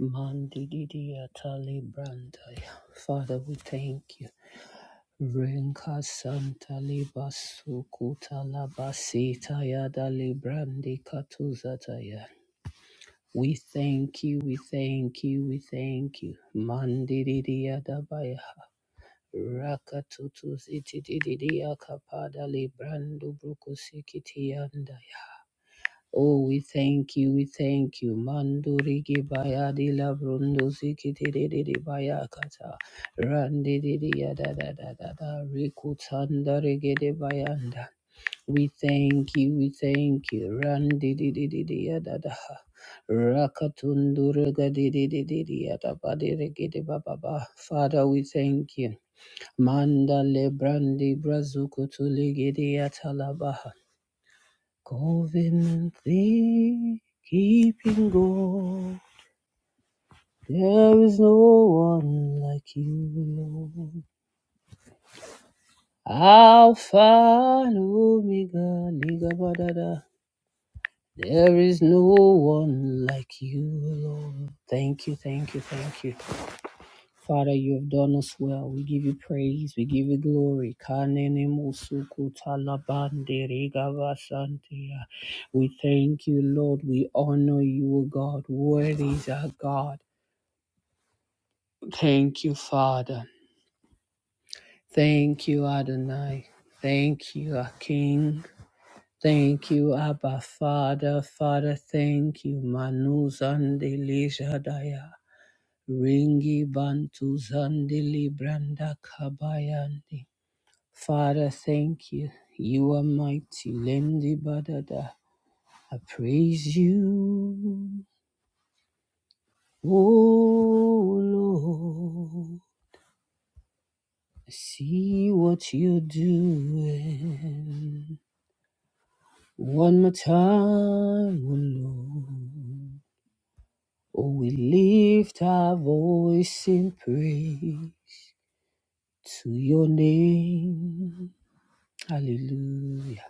Mandidiya Tali Brandaya. Father, we thank you. Renka Santa Libasu Kutalabasita Yada Librandi Katuzataya. We thank you, we thank you, we thank you. Mandidiya Dabaya. Rakatutuzitidiya Kapada Librandu Brukusikitiandaya. Oh, we thank you, we thank you. Manduri gibaya di la brundo zikiti di di di baya kata. Randi di di ya da da da da da. Rikutanda regede bayanda. We thank you, we thank you. Randi di di di di ya da da. Rakatunduru regadi di di di di ya da ba di regede ba ba ba. Father, we thank you. Manda le brandi brazukutu legede ya talabaha. Covenantly keeping God, there is no one like you, Lord. Alpha and Omega, Nigabadada, there is no one like you, Lord. Thank you, thank you, thank you. Father, you have done us well. We give you praise. We give you glory. Kanene musuku talabande rigavasantia. We thank you, Lord. We honor you, O God. Worthy is our God. Thank you, Father. Thank you, Adonai. Thank you, our King. Thank you, Abba Father. Father, thank you. Manu Zandili Jadaya. Ringi Bantu Zandili Branda Kabayandi. Father, thank you. You are mighty. Lendi badada. I praise you. Oh Lord. I see what you're doing. One more time, oh Lord. Oh, we lift our voice in praise to your name. Hallelujah.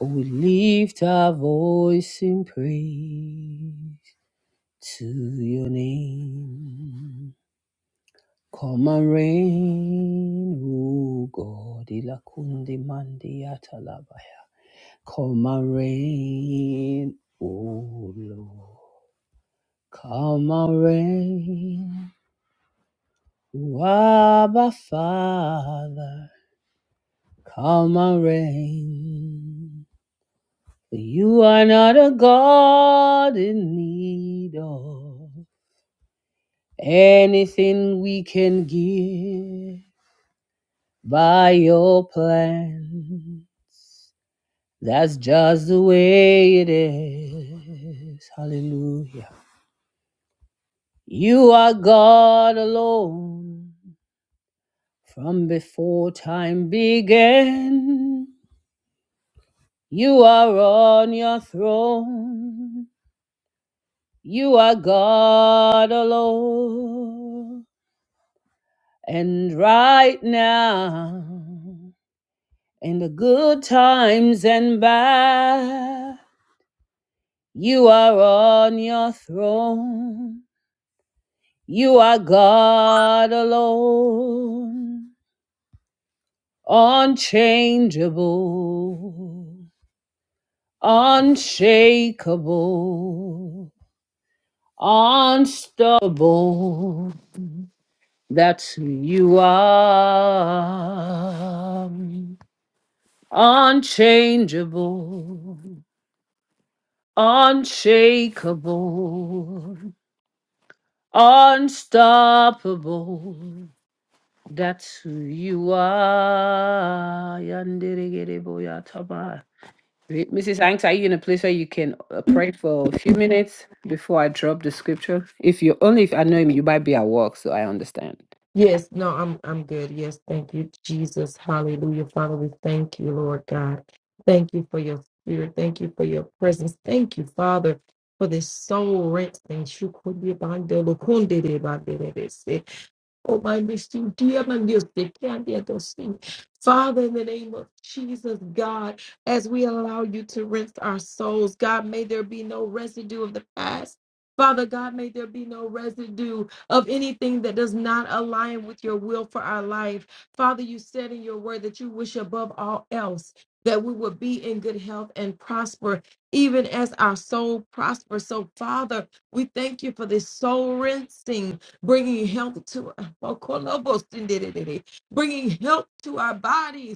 Oh, we lift our voice in praise. to your name. Come and reign, O God, ilakundi mandi atalabaya. Come and reign, O Lord. Come and reign, O Abba Father. Come and reign. For you are not a God in need of anything we can give. by your plan. That's just the way it is. Hallelujah. You are God alone from before time began. You are on your throne. You are God alone. And right now, in the good times and bad. You are on your throne. You are God alone, unchangeable, unshakable, unstoppable. That's who you are. Unchangeable, unshakable, unstoppable. That's who you are. Yanderegereboyataba. Wait, Mrs. Hanks, are you in a place where you can uh, pray for a few minutes before I drop the scripture? If you only if I know him, you might be at work, so I understand. Yes, no, I'm I'm good. Yes, thank you, Jesus. Hallelujah. Father, we thank you, Lord God. Thank you for your spirit. Thank you for your presence. Thank you, Father, for this soul wrenching. Oh, my mystery, dear man, Dios te cante a tus Father, in the name of Jesus, God, as we allow you to rinse our souls, God, may there be no residue of the past. Father God, may there be no residue of anything that does not align with your will for our life. Father, you said in your word that you wish above all else that we would be in good health and prosper, even as our soul prospers. So, Father, we thank you for this soul rinsing bringing health to bringing health to our bodies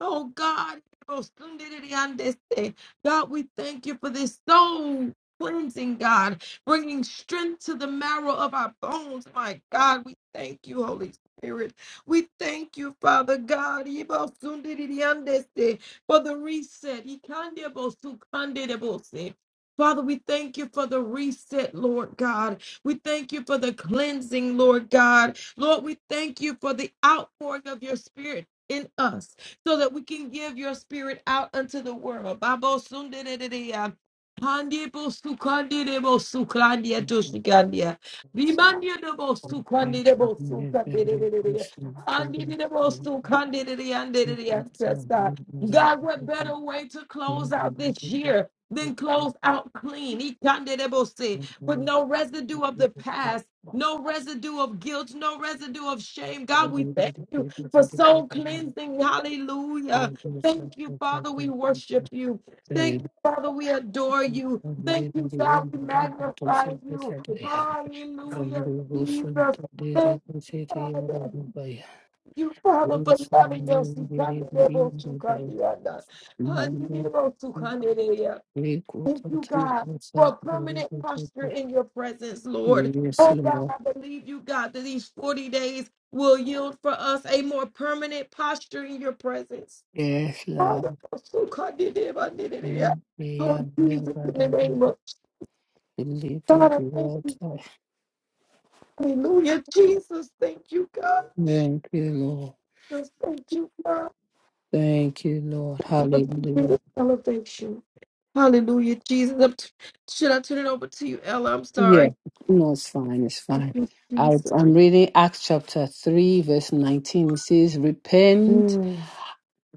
Oh God, God, we thank you for this soul cleansing, God, bringing strength to the marrow of our bones. My God, we thank you, Holy Spirit. We thank you, Father God, for the reset. Father, we thank you for the reset, Lord God. We thank you for the cleansing, Lord God. Lord, we thank you for the outpouring of your spirit in us so that we can give your spirit out unto the world. Babo sundedededea. Handebo sukandidebo suklandia toshikandia. Vimandiedebo sukandidebo sukandidededea. Handidebo Thank sukandididiandididiyantesta. you. God, what better way to close out this year than close out clean? Ikandidebose. With no residue of the past, no residue of guilt, no residue of shame. God, we thank you for soul cleansing. Hallelujah. Thank you, Father. We worship you. Thank you, Father. We adore you. Thank you, God. We magnify you. Hallelujah, Jesus. Thank you, Father. You, Father, for loving us. You come to the most you come to the other. Hallelujah. Thank you, God, for a permanent posture in your presence, Lord. Oh, Yes, God, I believe you, God, that these 40 days will yield for us a more permanent posture in your presence. Yes, Oh, Lord. Jesus, in Bring me under the the name of ability God, I to thank you. water. Hallelujah. Jesus, thank you, God. Thank you, Lord. Jesus, thank you, God, Thank you, Lord. for Hallelujah. this elevation. Hallelujah, Jesus. I'm t- Should I turn it over to you, Ella? I'm Yeah. sorry. No, it's fine. It's Thank fine. you, I, Jesus. I'm reading Acts chapter 3, verse 19. It says, Repent. Mm.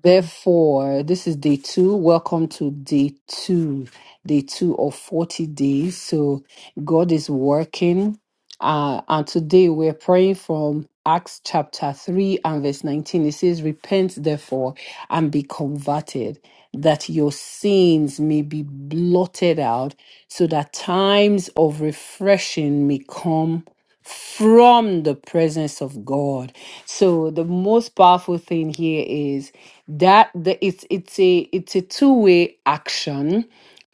Therefore, this is day two. Welcome to day two, day two of 40 days. So, God is working. Uh, and today we're praying from Acts chapter 3 and verse 19. It says, Repent therefore and be converted, that your sins may be blotted out so that times of refreshing may come from the presence of God. So the most powerful thing here is that the, it's it's a it's a two-way action.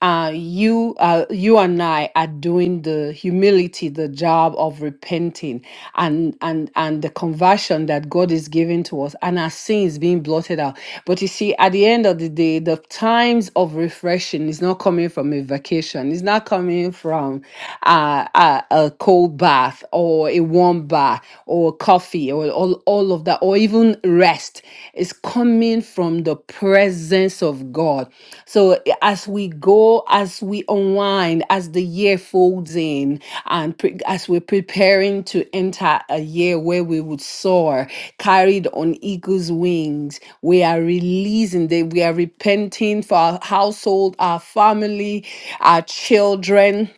Uh, you uh, you and I are doing the humility, the job of repenting, and and and and the conversion that God is giving to us and our sin is being blotted out. But you see, at the end of the day, the times of refreshing is not coming from a vacation. It's not coming from uh, a, a cold bath or a warm bath or coffee or all, all of that or even rest. It's coming from the presence presence of God. So as we go, as we unwind, as the year folds in, and pre- as we're preparing to enter a year where we would soar, carried on eagle's wings, we are releasing that we are repenting for our household, our family, our children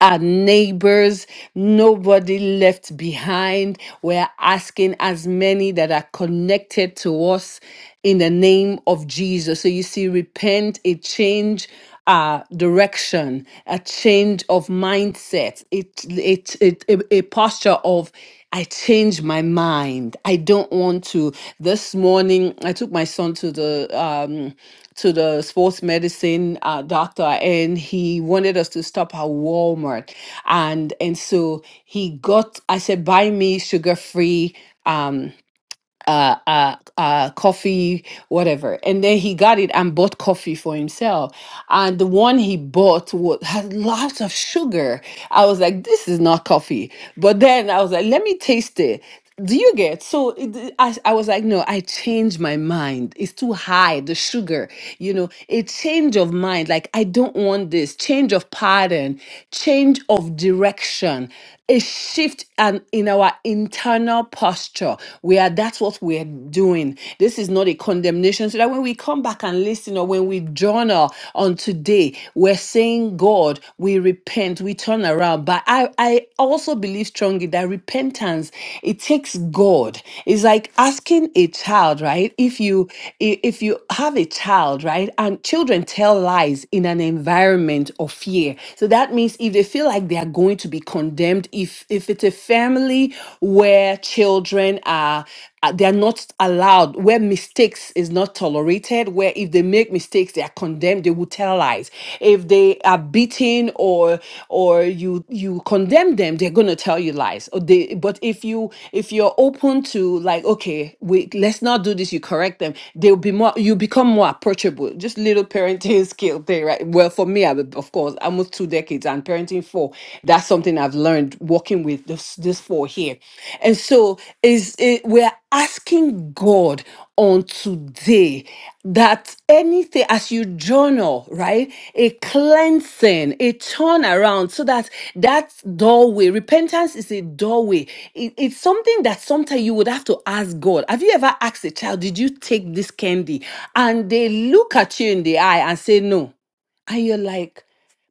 our neighbors, nobody left behind. We're asking as many that are connected to us in the name of Jesus. So you see, repent, a change. Uh, direction, a change of mindset, it, it, it, a a posture of I change my mind. I don't want to. This morning, I took my son to the um, to the sports medicine uh, doctor and he wanted us to stop at Walmart. And and so he got I said buy me sugar free um uh, uh, uh, coffee, whatever. And then he got it and bought coffee for himself. And the one he bought was, had lots of sugar. I was like, this is not coffee. But then I was like, let me taste it. Do you get so? it- I, I was like, no, I changed my mind. It's too high, the sugar, you know, a change of mind. Like, I don't want this change of pattern, change of direction, a shift and in our internal posture. We are that's what we're doing. This is not a condemnation. So that when we come back and listen or when we journal on today, we're saying, God, we repent, we turn around. But I, I also believe strongly that repentance, it takes God. It's like asking a child, right? If you i- if you have a child, right, and children tell lies in an environment of fear. So that means if they feel like they are going to be condemned, condemned if if it's a family where children are uh, they are not allowed where mistakes is not tolerated where if they make mistakes they are condemned they will tell lies if they are beaten or or you you condemn them they're going to tell you lies or they but if you if you're open to like okay we let's not do this you correct them they'll be more you become more approachable just little parenting skill thing right well for me I, would- of course almost two decades decades and parenting four. That's something I've learned working with this, this four here. And so is it, we're asking God on today that anything as you journal, right? A cleansing, a turnaround, so that that doorway, repentance is a doorway. It- it's something that sometimes you would have to ask God. Have you ever asked a child, Did you take this candy? And they look at you in the eye and say, No. And you're like,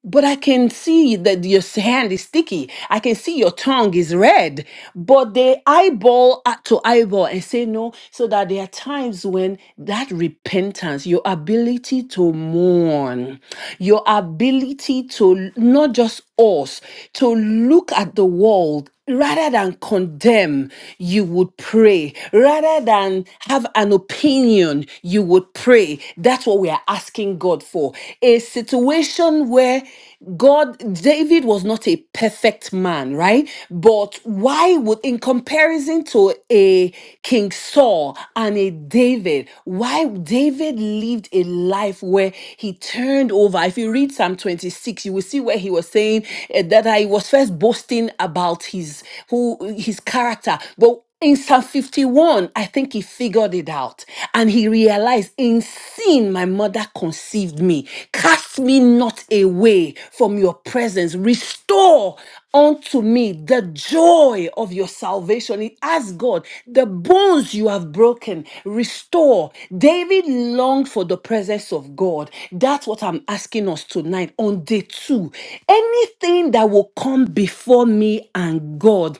but I can see that your s- hand is sticky. I can see your tongue is red. But they eyeball at- to eyeball and say no. So that there are times when that repentance, your ability to mourn, your ability to not just us, to look at the world rather than condemn, you would pray. Rather than have an opinion, you would pray. That's what we are asking God for example, a situation where God, David was not a perfect man, right? But why would, in comparison to a King Saul and a David, why David lived a life where he turned over? If you read Psalm 26, you will see where he was saying eh, that he was first boasting about his who his character, but in Psalm 51, I think he figured it out and he realized in sin my mother conceived me. Cast me not away from your presence. Restore unto me the joy of your salvation. He asked God, the bones you have broken, restore. David longed for the presence of God. That's what I'm asking us tonight on day two. Anything that will come before me and God.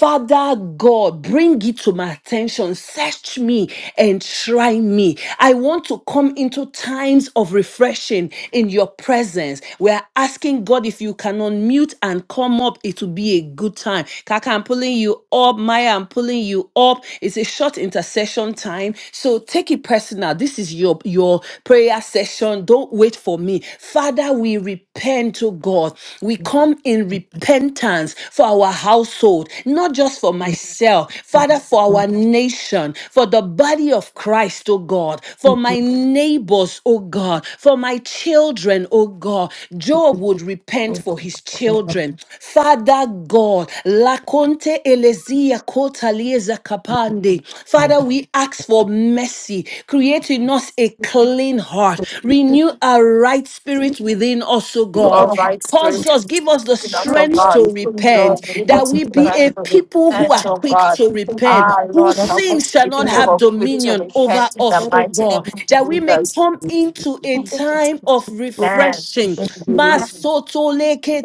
Father God, bring it to my attention. Search me and try me. I want to come into times of refreshing in your presence. We are asking God if you can unmute and come up, it will be a good time. Kaka, I'm pulling you up. Maya, I'm pulling you up. It's a short intercession time. So take it personal. This is your, your prayer session. Don't wait for me. Father, we repent to God. We come in repentance for for our household, not just for myself, Father, for our nation, for the body of Christ, oh God, for my neighbors, oh God, for my children, oh God. Job would repent for his children. Father God, Lakonte Elezia Kotalieza Kapande. Jesus Father, we ask for mercy. Create in us a clean heart. Renew a right spirit within us, O All is God. right, Cause Spirit, us, give us the within us, oh strength to God. repent, Lord, give that us the we be strength a to people who repent, are oh quick God. to so repent, Ah, whose Lord, that help sin us to shall be not people Jesus who have are quick to dominion over repent in the us, Christ O mighty name God, of that we is may Jesus. come into a Ila time of so Amen. refreshing. tosh, blessed with it. Amen.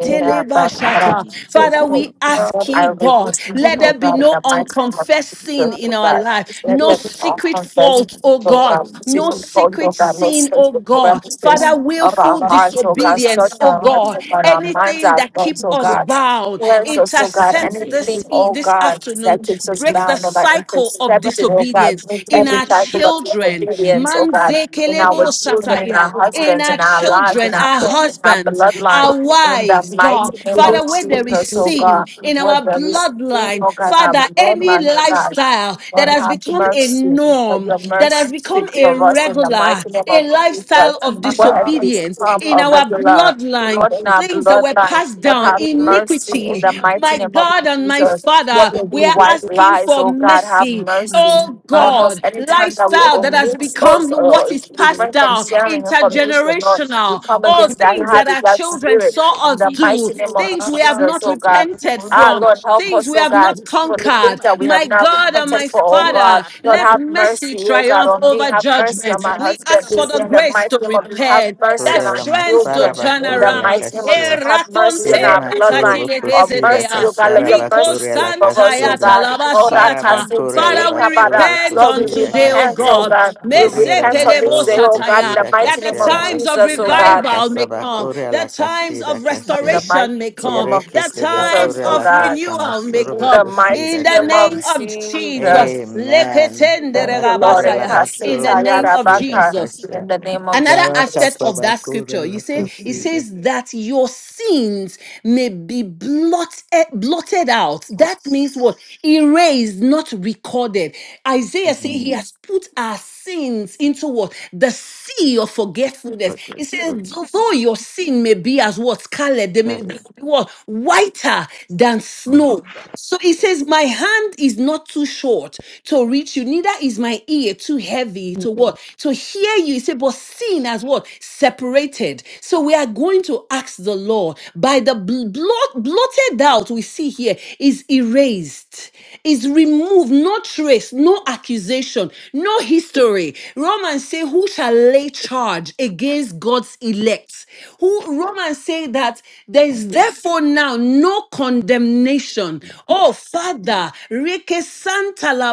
Yeah, but I don't ila say, So Father, oh, cool. we baba Uh, ask God, I you, will so God, return let shaka cool. to there be God in no the mighty name of unconfessed Jesus, sin Uh, in oh our tete God. life, Just let no so them cool. all secret It confess, fault, teka O oh is God, God, bomba to seek no the God, a oh secret bomba God, Lord, sin, bomba O the God. reka crevices Father, cool of our willful baso stuff. hearts, oh disobedience God, search disobedience, oh our It's hearts, God, oh God, turi our be minds, anything our that magari thoughts, keep so us so God. be bound, Cleanse fast. us, so bora It God, is intercept anything, everything. esha this e- oh this tapu God, afternoon, that papa keeps It us tete is break the bound, oh God, teka cycle of intercepted, oh bomba God, disobedience bring in every our everything. type of sima children, disobedience, oh sima God, in eke Manzekelebo our teke children, And in our sataya. teke in husbands, our in our lives, in children, our our shaka parents, in our tete husbands, bloodline our in teke the wives, shaka some mighty God, tete name little of Father, where tamu cool there is Jesus, things oh sin God, mama in where that- our there that is sin, bloodline, oh God, kusta our Father, any bloodline, mama oh God. lifestyle that Lord, I- has have become a mercy. Let norm, your that mercy has become speak a for us in the regular, mighty name a of kusta lifestyle Jesus. of ile What has ko ah, disobedience experience, become so in of our Help cool. regular, So bloodline, Lord, in our things that were bloodline, passed Lord, down, it have is mercy in about iniquity. the mighty My name of God and my Jesus. What Father, will be we to are say white it. asking lies, for oh God, have mercy. mercy Oh on And us God, anytime that we so lifestyle that has omit it is. become us what or is passed refrain from down, sharing information, us, Lord, we intergenerational. Jesus. come And All against it is that things Help that about us, habit, our that to say, children spirit, saw in us the do, mighty name of things we Jesus. have ah, Jesus, not oh it's God. from repented my good. Ah, from, It Lord, father's help things us, we house, oh have so God not good, from for the my conquered. things that we mother's have My house, not so God and good. repented my for, oh is Eh, God. Father, so Lord, let barata, have mercy mercy, sike, oh pete, God, triumph ke, on me. over Have eh, mercy on judgment. barata, my We husband. shaka, ask for cool. pa, the In Yeah, pa, the pa, grace pa, mighty to name of Jesus, have da, repent, da, da. mercy that on Korea our la strength to masara children. Masi, ba turn In the Korea la around. mighty masi, name of Eh, kashia. Jesus, masi, have mercy on Shere raconte, masi, our matoro eke, bloodline. bo rakatile barata, Of kosida mercy, desetea, ya, oh ka, God, let pa, kashara your ba pa, riko pa, mercy Korea speak la sike, for pete, santa us, ya oh ke, kasida. ke, God. Oh, Bara ba talabasiata. ni, Korea Rakasinte, la Father, we barata, basoro Ekabara. bo repent Lord, we on eh, kosida today, O shaka, repent, kashia. pa, oh God. re, God. ki, We eh, Mese Burere repent on pelebo this masoro day, bo oh God, sataya, in the kosida That mighty the name of kashara da, ba. times of da. Jesus, oh Oh, Bara God. revival may kasaba come, Korea the la times kasida of In the kashia. mighty restoration may come, name of Yereke the sebe Jesus, times Korea my oh la of God. God. kasama renewal may soro In bo come. the mighty In kosida the name Mata of name kashia. of Jesus. Jesus. rakosi Amen. epeke Leketendere Thank you, Lord. Kabakura la rabasaya. kapo In the basura name shapo of kusida Ekasetayarabaka. Jesus. kasha. In the name of Another Baraka Jesus. aspect of that sabakura scripture, you la say it kasida. says that your sins may be blotted, blotted out. That means what? Erased, not recorded. Isaiah says he Mm. has put our sins into what? The sea of forgetfulness. Okay, It so- says, though your sin may be as what? Scarlet, they may Seven. be what? Whiter than snow. kapo So it says, My hand is not too short to reach you, neither is my ear too heavy to to what? To hear you say, but sin as what? Separated. So we are going to ask the Lord by the bl- blot, blotted out we see here is erased, is removed, no trace, no accusation, no history. Romans say, who shall lay charge against God's elect? Who Romans say that there is therefore now no condemnation. Oh Father, Reke Santa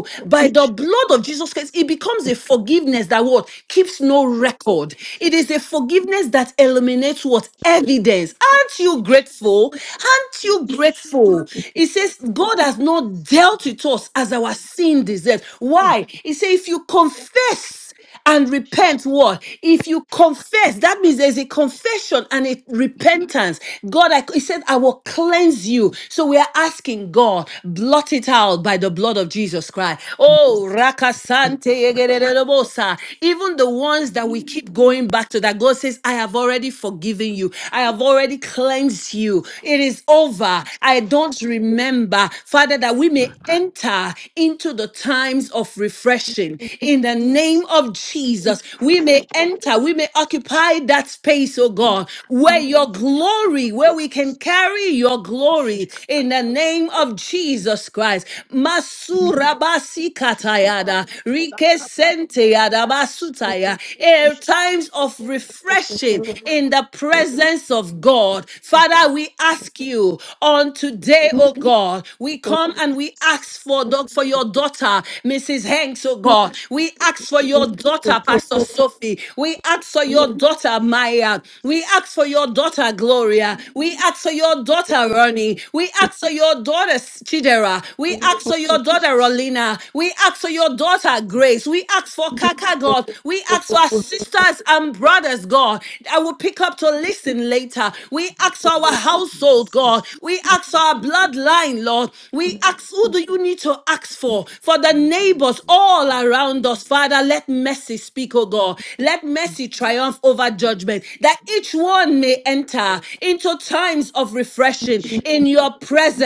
battle by the blood of Jesus Christ, it becomes a forgiveness that what keeps no shapo record. It is a forgiveness that eliminates what evidence. Aren't you shata grateful? Aren't you yeshe grateful? It says God has not dealt with us as our sin deserves. Why? It sadisa says if you confess and repent what if you confess that means there's a confession and a repentance god I, he said i will cleanse you so we are asking god blot it out by the blood of jesus christ oh rakasante yegererebosa. even the ones that we keep mini going back to that god says i have already forgiven you i have already cleansed you it is over i don't remember father that we may enter into the times of refreshing in the yesta name of Jesus, we may enter, we may occupy that space, oh God, where your glory, kapo where we can carry your glory shapo in the name of Jesus Christ. Masura basi shava katayada, to rike sakapa sente kapo yada basutaya. Eh, shite Times of refreshing it kapo in the presence of God. Father, we ask you on today, is oh God, we come and we ask for, for your daughter, Mrs. Henk thanks, oh God. We ask for your daughter, Pastor Sophie. We ask for your daughter, Maya. We ask for your daughter, Gloria. We ask for your daughter, Ronnie. We ask for your daughter, Chidera. We ask for your daughter, Rolina. We ask for your daughter, Grace. We ask for Kaka, God. We ask for our sisters and brothers, God. I will pick up to listen later. We ask for our household, God. We ask for our bloodline, Lord. We ask, who do you need to ask for? For for the neighbors all around us. Father, let mercy speak, oh God. Let mercy shapo triumph over judgment, that each one may enter into times of refreshing in your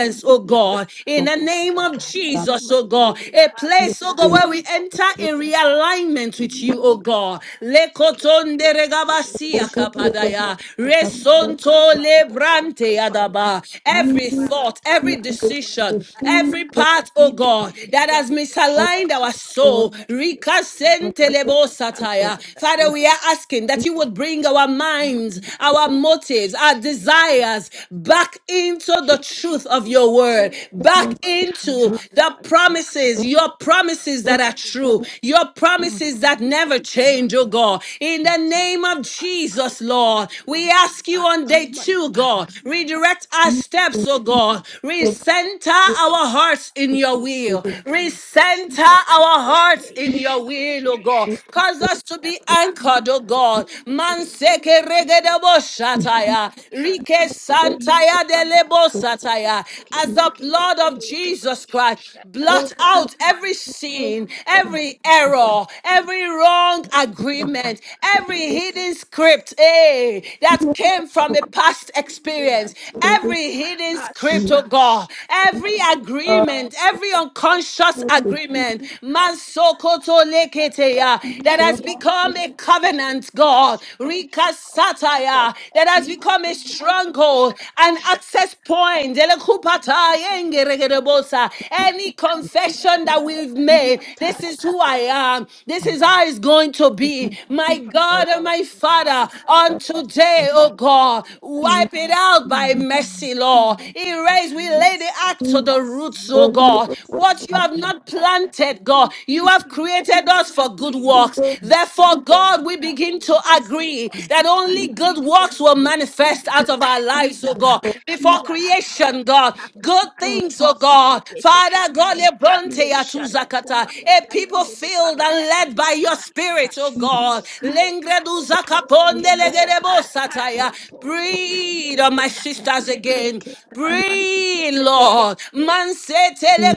for oh my in-laws, God. In so the us. name of God cool. for my Jesus, ma- oh God. in-law, A us. Thank place, oh I God, you. got where we for enter in realignment with me, I you, oh God. Lekotonde yeah, regabasia kapadaya. yeah, Resonto lebrante adaba. Every thought, every decision, every part, oh God. God, that has misaligned our soul. Rika sentelebo sataya. Father, we are asking that you would bring our minds, our motives, our desires back into the truth of your word, oh, back into Kabats, the my God. promises, your promises that are true, your promises that We never submit our Lord change, oh God. In God. We submit our my the Father, name of I open Jesus, the Lord, door we ask you on until day my two, God, father redirect our steps, oh God, recenter our our hearts in your recovers will. and he Recenter make it our to hearts in flesh your will, to oh God. Bogota. Cause us to be anchored, oh Mighty God. King, the King, Manseke regedebo Shut shataya. that Rike in the santaya capa delebo to sataya. As the blood of Kate, Jesus Christ Shut the blot company. out every sin, every error, every wrong agreement, every hidden script Oh eh, that came from a past experience, every hidden script, oh God, every agreement, every unconscious agreement, mansokoto leketeya, that has become a covenant, God, rika sataya that has become a stronghold, an access point, elekupata yengeregerebosa, any confession that we've made, this is who I am, this is how it's going to be, my God and my Father, on today, oh God, wipe it out my by God. mercy, Lord. Raise, we lay the Mercy, axe to the roots, mercy, oh God. What mercy. you have not planted, God, you We have plead for created your us for good mercy, works. my God. In our Therefore, homes, God, we plead we for your begin to mercy, agree my God. that only In our good homes, we works will call, we plead manifest for out of your our mercy, lives, my oh God. God. Before Ila creation, God, kaparata good things, oh kaparata God. sikepeteke Father, God, ile lebronte shatu atuzakata, kupaya a taya people ndele filled bwana and led by usapaya your ndele spirit, oh basi God. ile kato Lengreduzakaponde sikepedia legedebo taya sataya. karato ndele Breathe on my usikepedia taya sisters again again. reke karato Breathe, sikepeke Lord. Man se tele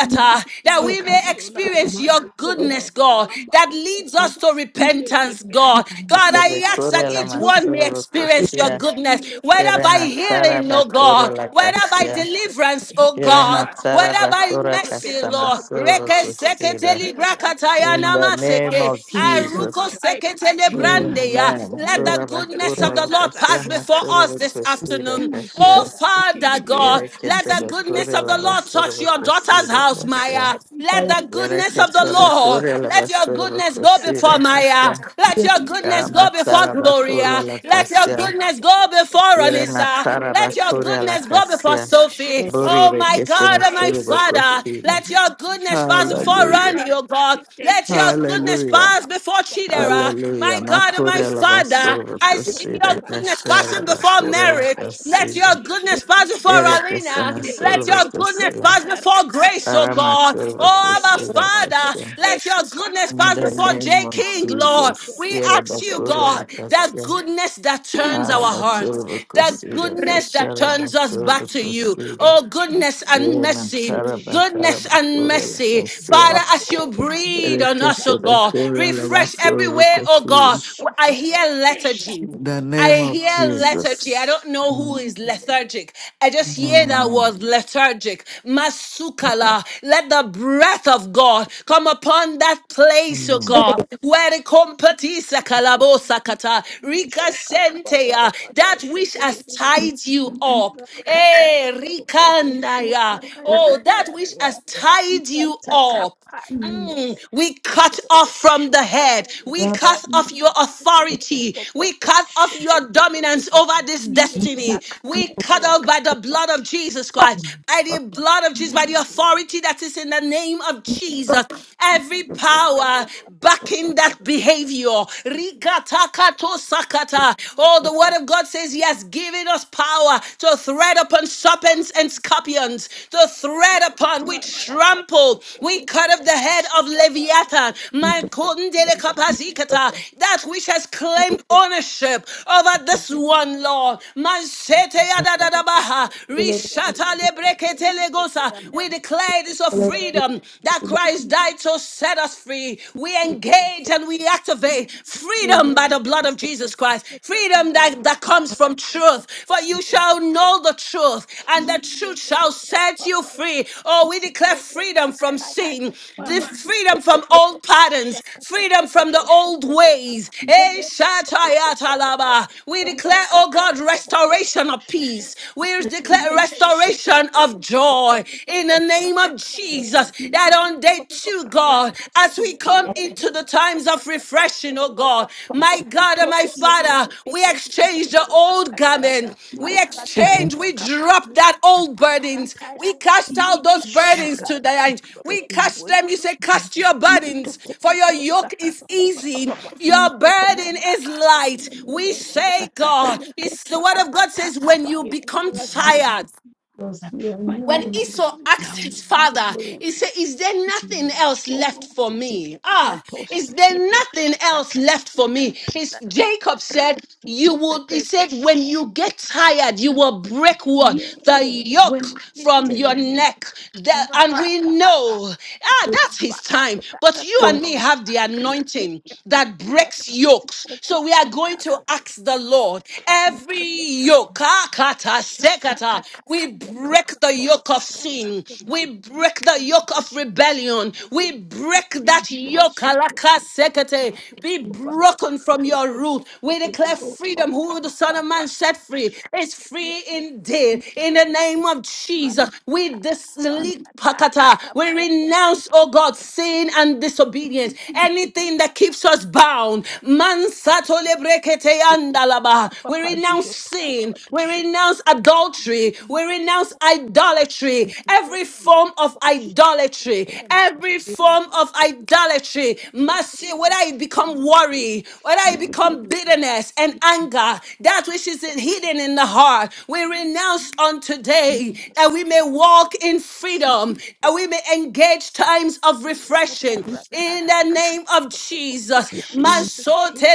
Ma- that we may magarona experience your goodness, maisokora God, that leads masoko us to repentance, God. ilekepelela God, I ask Sebekura that la omabaile each one may masura experience kulomabatoko your kusia. goodness, whether Tere by healing, oh bakura God, la whether by kasia. deliverance, ileketekebatosiketekepetekeyatatatateya oh Tere God, matara whether by bakura mercy, Lord. kasamasura Reke seke kusida. tele maratosikepepepepepepepepeketeteteyata brakataya In the masi name namaseke. of masi my God Jesus. Aruko I seke plead your mercy brandeya. King Amen. of Let glory the Bura goodness bakura of the la Lord kasia pass before rikatatakara us masura this this kusida and afternoon. my kasha. Oh, soul to King Father Guru. God, Yere I let the kesera plead for goodness kore of your la the Lord mercy, basura touch va your mercy, daughter's my cosida house, God. pasha. Maya. I plead Let your the Yere mercy, goodness my of the God. kesera Erase the Lord, kore la let Rakababa, your basura va goodness go before cosida pasha. Maya. tatatatakayataya. Let your Ya goodness go before matara va kore Gloria. la Let your cassia. goodness go before Yere Imezatopopatoshiketetepopoposhatatata. Anissa. matara va Let your kore la goodness go Rekepeliataya, before cassia. Sophie. Bori Oh, re kabashetetetete. my God kesera and I my kore va Father, plead for cosida. let your your mercy, goodness my pass God. before I Hallelujah. Ronnie, oh God. can take Let care of your your goodness Hallelujah. pass before Chidera. My Hallelujah. God and my Araketekeliatosakababashototopatatatata. Makore la Father, basura va I Marato see cosida. your kopata goodness Cashera fashioned va before karata kore la yakaya merit. to Let your cassia. jini goodness dini pass before Yere yabara Alina. kesera ile kore Let va kepe your peri goodness cosida. pass yatara before grace, kapapa oh God. shikete Aramatova te, Oh, Abba teke Priscilla teke te, te, Father, Hesha. e let your kakara goodness te, In pass the to to before name J. of kopato King, Lord. kepe Jesus, We pepe ask pepe you, Irabakura God, te, that Latasha, goodness that turns ada our kusha hearts, Arabatova that tate Priscilla goodness reke te, that Kashara turns us to back Batova to you. sike Priscilla, Oh, goodness pete and mare tu mercy, Iramantara Bakara goodness shikete te, and te, Bakura mercy. Latasha, Father, te, as oh you oh, breathe on my us, God oh Irakasha God, Bakura my refresh God every Lavasova way, oh ah Priscilla. God. so I cool hear e In lethargy. the name I of hear lethargy. I Jesus. don't know who Mm. is lethargic. I just hear that Mm. word lethargic. Masukala. Let the breath of God come upon that place, O Mm. God. Where the compatisa kalabosakata. Rika Shaka papa sentea. papa That shaka. which has tied you up. Mraka Eh, papa papa shako rikandaya. taka Oh, taka that which has kadera. tied Ika you taka up. pada Mm, tosi. we cut Kero off from the shaka pada head. kera. We cut Ma off your papa authority. papa We papa cut off shake. your dominance over this Ila destiny. taka ya We cut taya off by the blood of Jesus kadera. Christ, by the blood of Jesus, by the Mangro authority that is in the name of Jesus. Every blada power do papa backing shake. that behavior. Rikatakato sakata. Oh, the word of God says he has given us power to tread upon serpents and scorpions, the thread upon which Mraka papa trample. shake We cut off the tosi. head Shaka of Leviathan, man kundele pada. kapazikata, that which has claimed ownership over this one law. Man sete Shaka, yadadadabaha, rishata lebrekete legosa. We declare this of freedom that Christ died to set us free. We engage and we activate freedom by the blood of Jesus. Jesus Christ. Freedom that, that comes from truth. For you shall know the truth, and the truth shall set you free. Oh, we declare freedom from sin, the freedom from old patterns, freedom from the old shaka, ways. Eh, shaka, shaka, shatayatalaba. We Yes, declare, oh God, restoration of peace. We declare restoration of joy in the name of Jesus. That on day two, you, God, as we come into the times of refreshing, oh God. My God and my Father, we exchange the old garment. We exchange, we drop that old burdens. We cast out those my burdens God, today. drop We them, cast boy, them. You drop say, them. cast your Manto burdens, for your Kupato Saka yoke is Papa Papa easy. Papa Your Shepherd, we burden is cast them in light. the name We of Jesus. say, God, it's the word of God says, Rekeparataka when you become everything that's been used. tired. My When God, we Esau lay asked down, his O King of father, glory. he said, Is there No nothing else left for me? Ah, is there nothing else left for me? His, Jacob said, You would, he said, when you get tired, you will break what? The Yes, yoke when from your mistress neck. The- and we know, ah, that's his time. But you and me have the anointing that breaks yokes. So we are going to ask the Lord every yoke sekata. We break the yoke of sin. We break the yoke of rebellion. We break that yoke. alaka sekete. Be broken from your root. We declare freedom. Who the Son of Man set free is free indeed. In the name of Jesus, we disle- pakata. We renounce, oh God, sin and disobedience. Thank Anything that keeps us bound. Man sato lebrekete yandalaba. We renounce sin. We renounce adultery. We renounce idolatry. Every form of idolatry. Every form of idolatry. Mercy, whether it become worry, whether it become bitterness and anger, that which is in- hidden in the heart, we you. renounce on today that we may Shikete walk in freedom, that we may engage times of refreshing in the name of Jesus.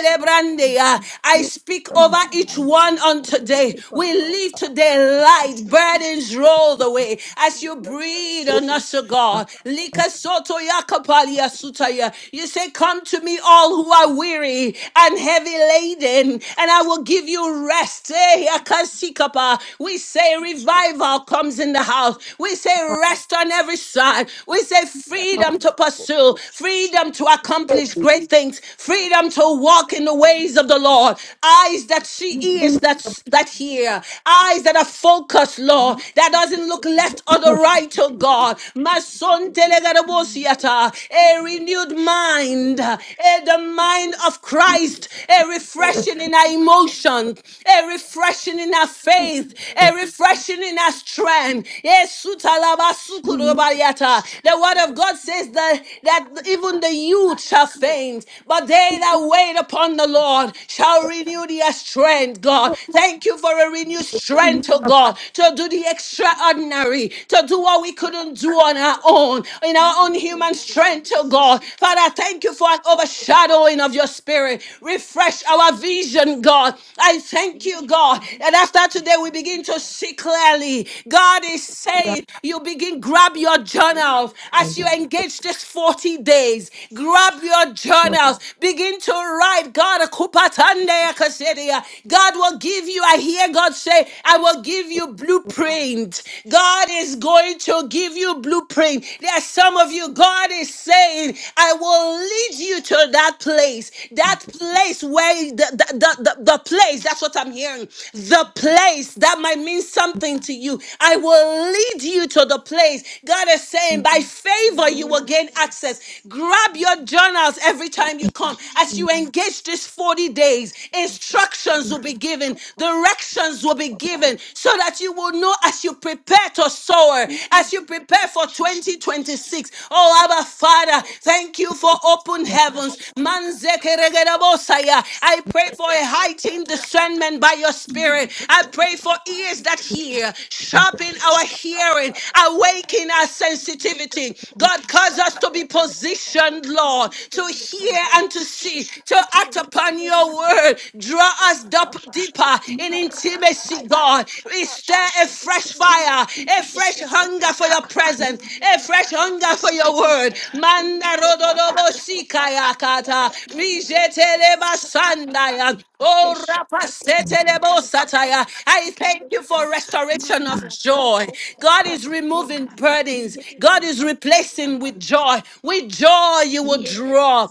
Telebrandia. I speak over each one on today. We leave today light, burdens rolled away as you breathe on us, O God. Lika soto yakapalia sutaya. You say, Come to me, all who are weary and heavy laden, and I will give you rest. Eh, yakasikapa. We say, Revival comes in the house. We say, Rest on every side. We say, Freedom to pursue, freedom to accomplish accomplish great things, freedom to walk in the ways of the Lord, eyes that see, ears that, that hear, eyes that are focused, Lord, that doesn't look left or the right to God. My son, telegadabosiata, a renewed mind, eh, the mind of Christ, a refreshing in our emotions, a refreshing in our faith, a refreshing in our strength. Yes, sutalabasukurubayata. The word of God. God says that, that even the youth shall faint, but they that wait upon the Lord shall renew their strength, God. Thank you for a renewed strength, oh God, to do the extraordinary, to do what we couldn't do on our own, in our own human strength, oh God. Father, thank you for an overshadowing of your spirit. Refresh our vision, God. I thank Thank you, you, God, And after today we Sean. begin to see clearly. God is saying, You you begin, grab your Yes. Thank journals. As you engage this 40 days, grab your journals. Begin to write. God, akupatande akasedia. God will give you, I hear God say, I will give you blueprint. God is going to give you blueprint. There are some of you, God is saying, I will lead you to that place. That place where the, the, the, the the place, that's what I'm hearing. The place that might mean something nothing to you. I will lead you to the place. God is saying, by favor, you will gain access. Grab your journals every time you come. As you engage these 40 days, instructions will be given, directions will be given, so that you will know as you prepare to soar, as you prepare for 2026. Oh, Abba Father, thank you for open heavens. Manzekeregerebosaya. I pray for a you, heightened Jesus. discernment by your Shake spirit. it, I pray for ears that hear, sharpen our hearing, awaken our sensitivity. God, cause us to be positioned, Lord, to hear and to see, to take act it, upon let my your word. put Draw suck us a wash dup- deeper in intimacy, Marataya God. We stir kapashe a fresh kete fire, a ishe fresh hunger for kupataya your presence, kandeleriya a fresh patosi hunger for your kepetata word. indi Manda komato rododobo kupakata taya sikayakata. kandeleriya patosa Rijete takapamita Andaya. Oh, esha kete kete leketo Rapasetelebosataya. yatosi I thank you kepetata for restoration of marato joy. God is kupakaya removing tezi kete burdens. kete God kete is patosa replacing with joy. With joy, you will yes draw.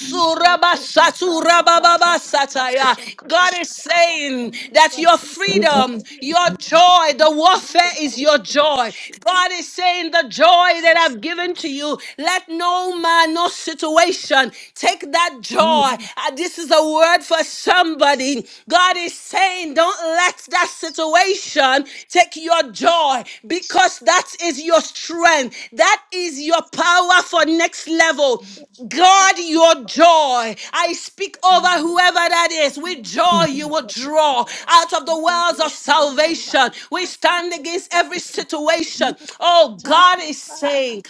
Ira toka papa rata yatosha God is saying that your freedom, Vatesikepeliata your joy, the warfare is your Mataka joy. God is saying the joy that I've given to you, let no man, no situation Take that joy. Uh, this is a word for somebody. God is saying, don't let that situation take your joy because that is your strength. That is your power for next level. Guard your joy. I speak over whoever that is. With joy, you will draw out of the wells of salvation. We stand against every situation. Oh, God is saying,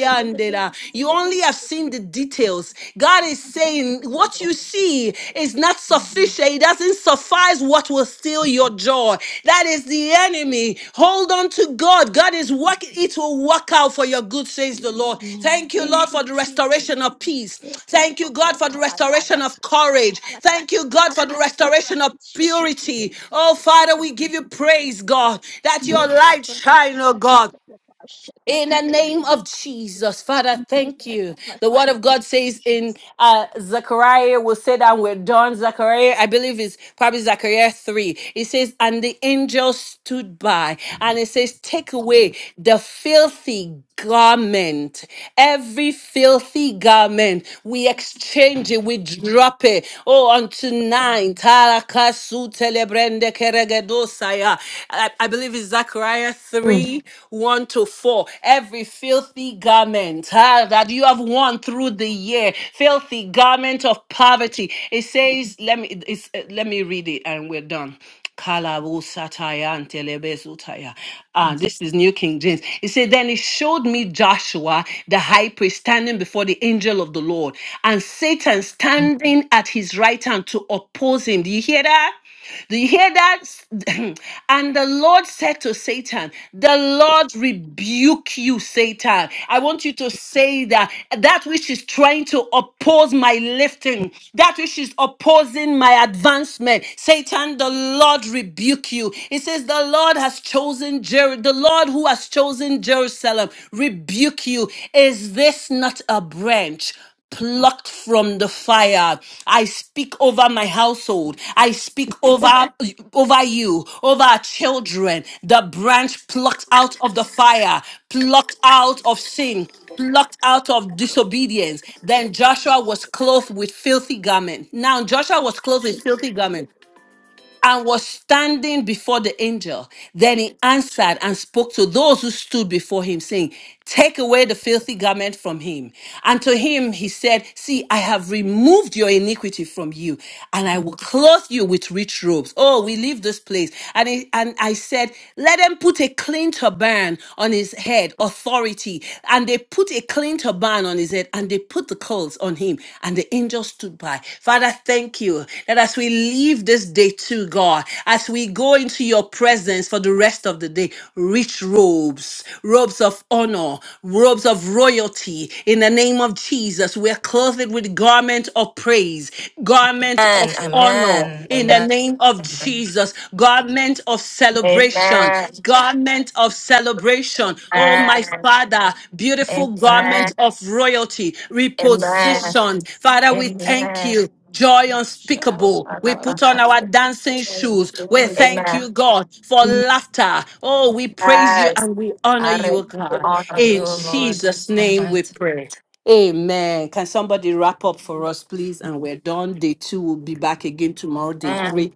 Yandela. You only have seen the details. God is saying what you see is not sufficient. It doesn't suffice what will steal your joy. That is the enemy. Hold on to God. God is working. It will work out for your good, says the Yes, Lord. Lord. Thank you, Thank Lord, you, for the Jesus. restoration of peace. Thank you, God, for the Rataya restoration of Kappa courage. Thank you, God, for the Rataka restoration of purity. Oh, Father, we give you praise, God, that your Ila light Barato shine, oh Shaka God. Baba Shata In the Keledi name of Jesus, Father, thank Ileka you. The word of Pati God says in uh, Zechariah, we'll say that we're done. Zechariah, I believe it's probably Zechariah 3. It says, And the angel stood by, and it says, Take away the filthy garment, every filthy garment, we exchange it, we drop it. Oh, on tonight, Tarakasu telebrende keregedosaya. I, I believe it's Zechariah 3 1 to 4. Every filthy garment ah, that you have worn through the year, filthy garment of poverty. It says, let me, it's, uh, let me read it and we're done. Kalabusataya and telebezutaya. Ah, this is New King James. He said, Then he showed me Joshua, the high priest, standing before the angel of the Lord, and Satan standing at his right hand to oppose him. Do you hear that? Do you hear that? and the Lord said to Satan, The Lord rebuke you, Satan. I want you to say that that which is trying to oppose my lifting, that which is opposing my advancement, Satan, the Lord rebuke you. It says, The Lord has chosen Jer- the Lord who has chosen Jerusalem, rebuke you. Is this not a branch? plucked from the fire. I speak over my household. I speak over over you, over our children. The branch plucked out of the fire, plucked out of sin, plucked out of disobedience. Then Joshua was clothed with filthy garment. Now Joshua was clothed with Yes filthy garment and was standing before the angel. Then he answered and spoke to those who stood before him, saying, Take away the filthy garment from him. And to him he said, See, I have removed your iniquity from you, and I will clothe you with rich robes. Oh, we leave this place. And, he, and I said, Let them put a clean turban on his head, authority. And and they put a clean turban on his head and they put the coals on him. And the angel stood by. Father, thank you that as we leave this day to God, as we go into your presence for the rest of the day, rich robes, robes of honor, robes of royalty. In the name of Jesus, we are clothed with garment of praise, garment Amen. of honor, Amen. now in the Amen. name of Jesus. Garment of celebration, Amen. garment of celebration. Oh, my Amen. Father, beautiful Amen. garment of royalty, Amen. reposition. Father, we thank Amen. you. Joy Shara unspeakable. We put Barato on our dancing shoes. We thank Amen. you, God, for laughter. Oh, we praise you Yes. and we honor you, oh We I God. honor you, In O Lord, in Jesus' the name we mighty. pray. Amen. Can somebody wrap up for us, please? And we're done. Day two will be back again tomorrow, day name. three.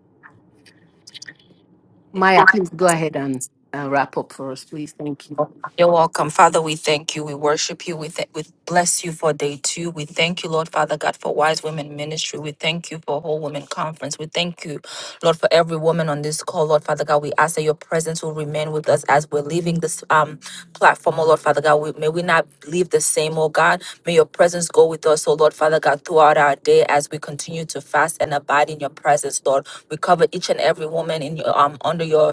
Maya, please go ahead and, and wrap up for us, please. Thank you. You're welcome. Father, we thank you. We worship you. We, th- we bless you for day two. We thank you, Lord Father God, for Wise Women Ministry. We thank you for Whole Women Conference. We thank you, Lord, for every woman on this call, Lord Father God. We ask that your presence will remain with us as we're leaving this um, platform, oh Lord Father God. We, may we not leave the same, oh God. May your presence go with us, oh Lord Father God, throughout our day as we continue to fast and abide in your presence, Lord. We cover each and every woman in your, um, under your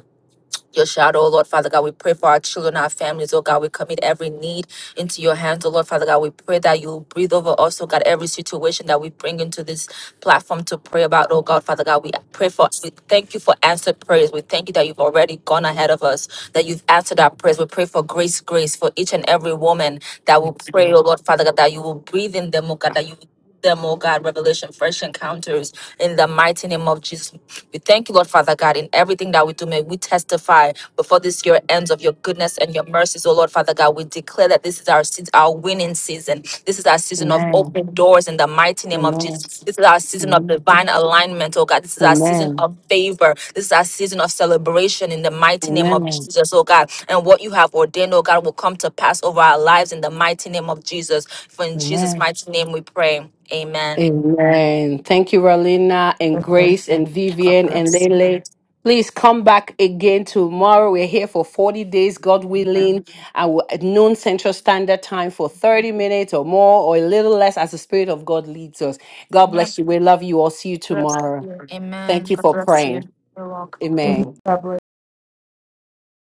your shadow, oh Lord Father God. We pray for our children, our families, oh God. We commit every need into your hands, oh Lord Father God. We pray that you breathe over us, oh God, every situation that we bring into this platform to pray about, oh God, Father God. We pray for, we thank you for answered prayers. We thank you that you've already gone ahead of us, that you've answered our prayers. We pray for grace, grace for each and every woman that will Yes, pray, oh Lord. Lord Father God, that you will breathe in them, oh God, that you will them, oh God, revelation, fresh encounters in the mighty name of Jesus. We thank you, Lord Father God, in everything that we do. May we testify before this year ends of your goodness and your mercies, oh Lord Father God. We declare that this is our seas- our winning season. This is our season Amen. of open doors in the mighty name and of Jesus. This is our season of divine alignment, oh God. This is our season Amen. of favor. This is our season of celebration in the mighty name of Jesus, oh God. And what you have ordained, oh God, will come to pass over our lives in the mighty name of Jesus. For in Amen. Jesus' mighty name we pray. Amen. Amen. Thank you, Rolina and Grace and God Vivian and bless. Lele. Please come back again tomorrow. We're here for 40 days, God Amen. willing, and we at noon Central Standard Time for 30 minutes or more or a little less as the Spirit of God leads us. God Amen. bless you. We love you all. See you God bless tomorrow. you. Thank Amen. you God for bless praying. you. You're welcome. in the Amen.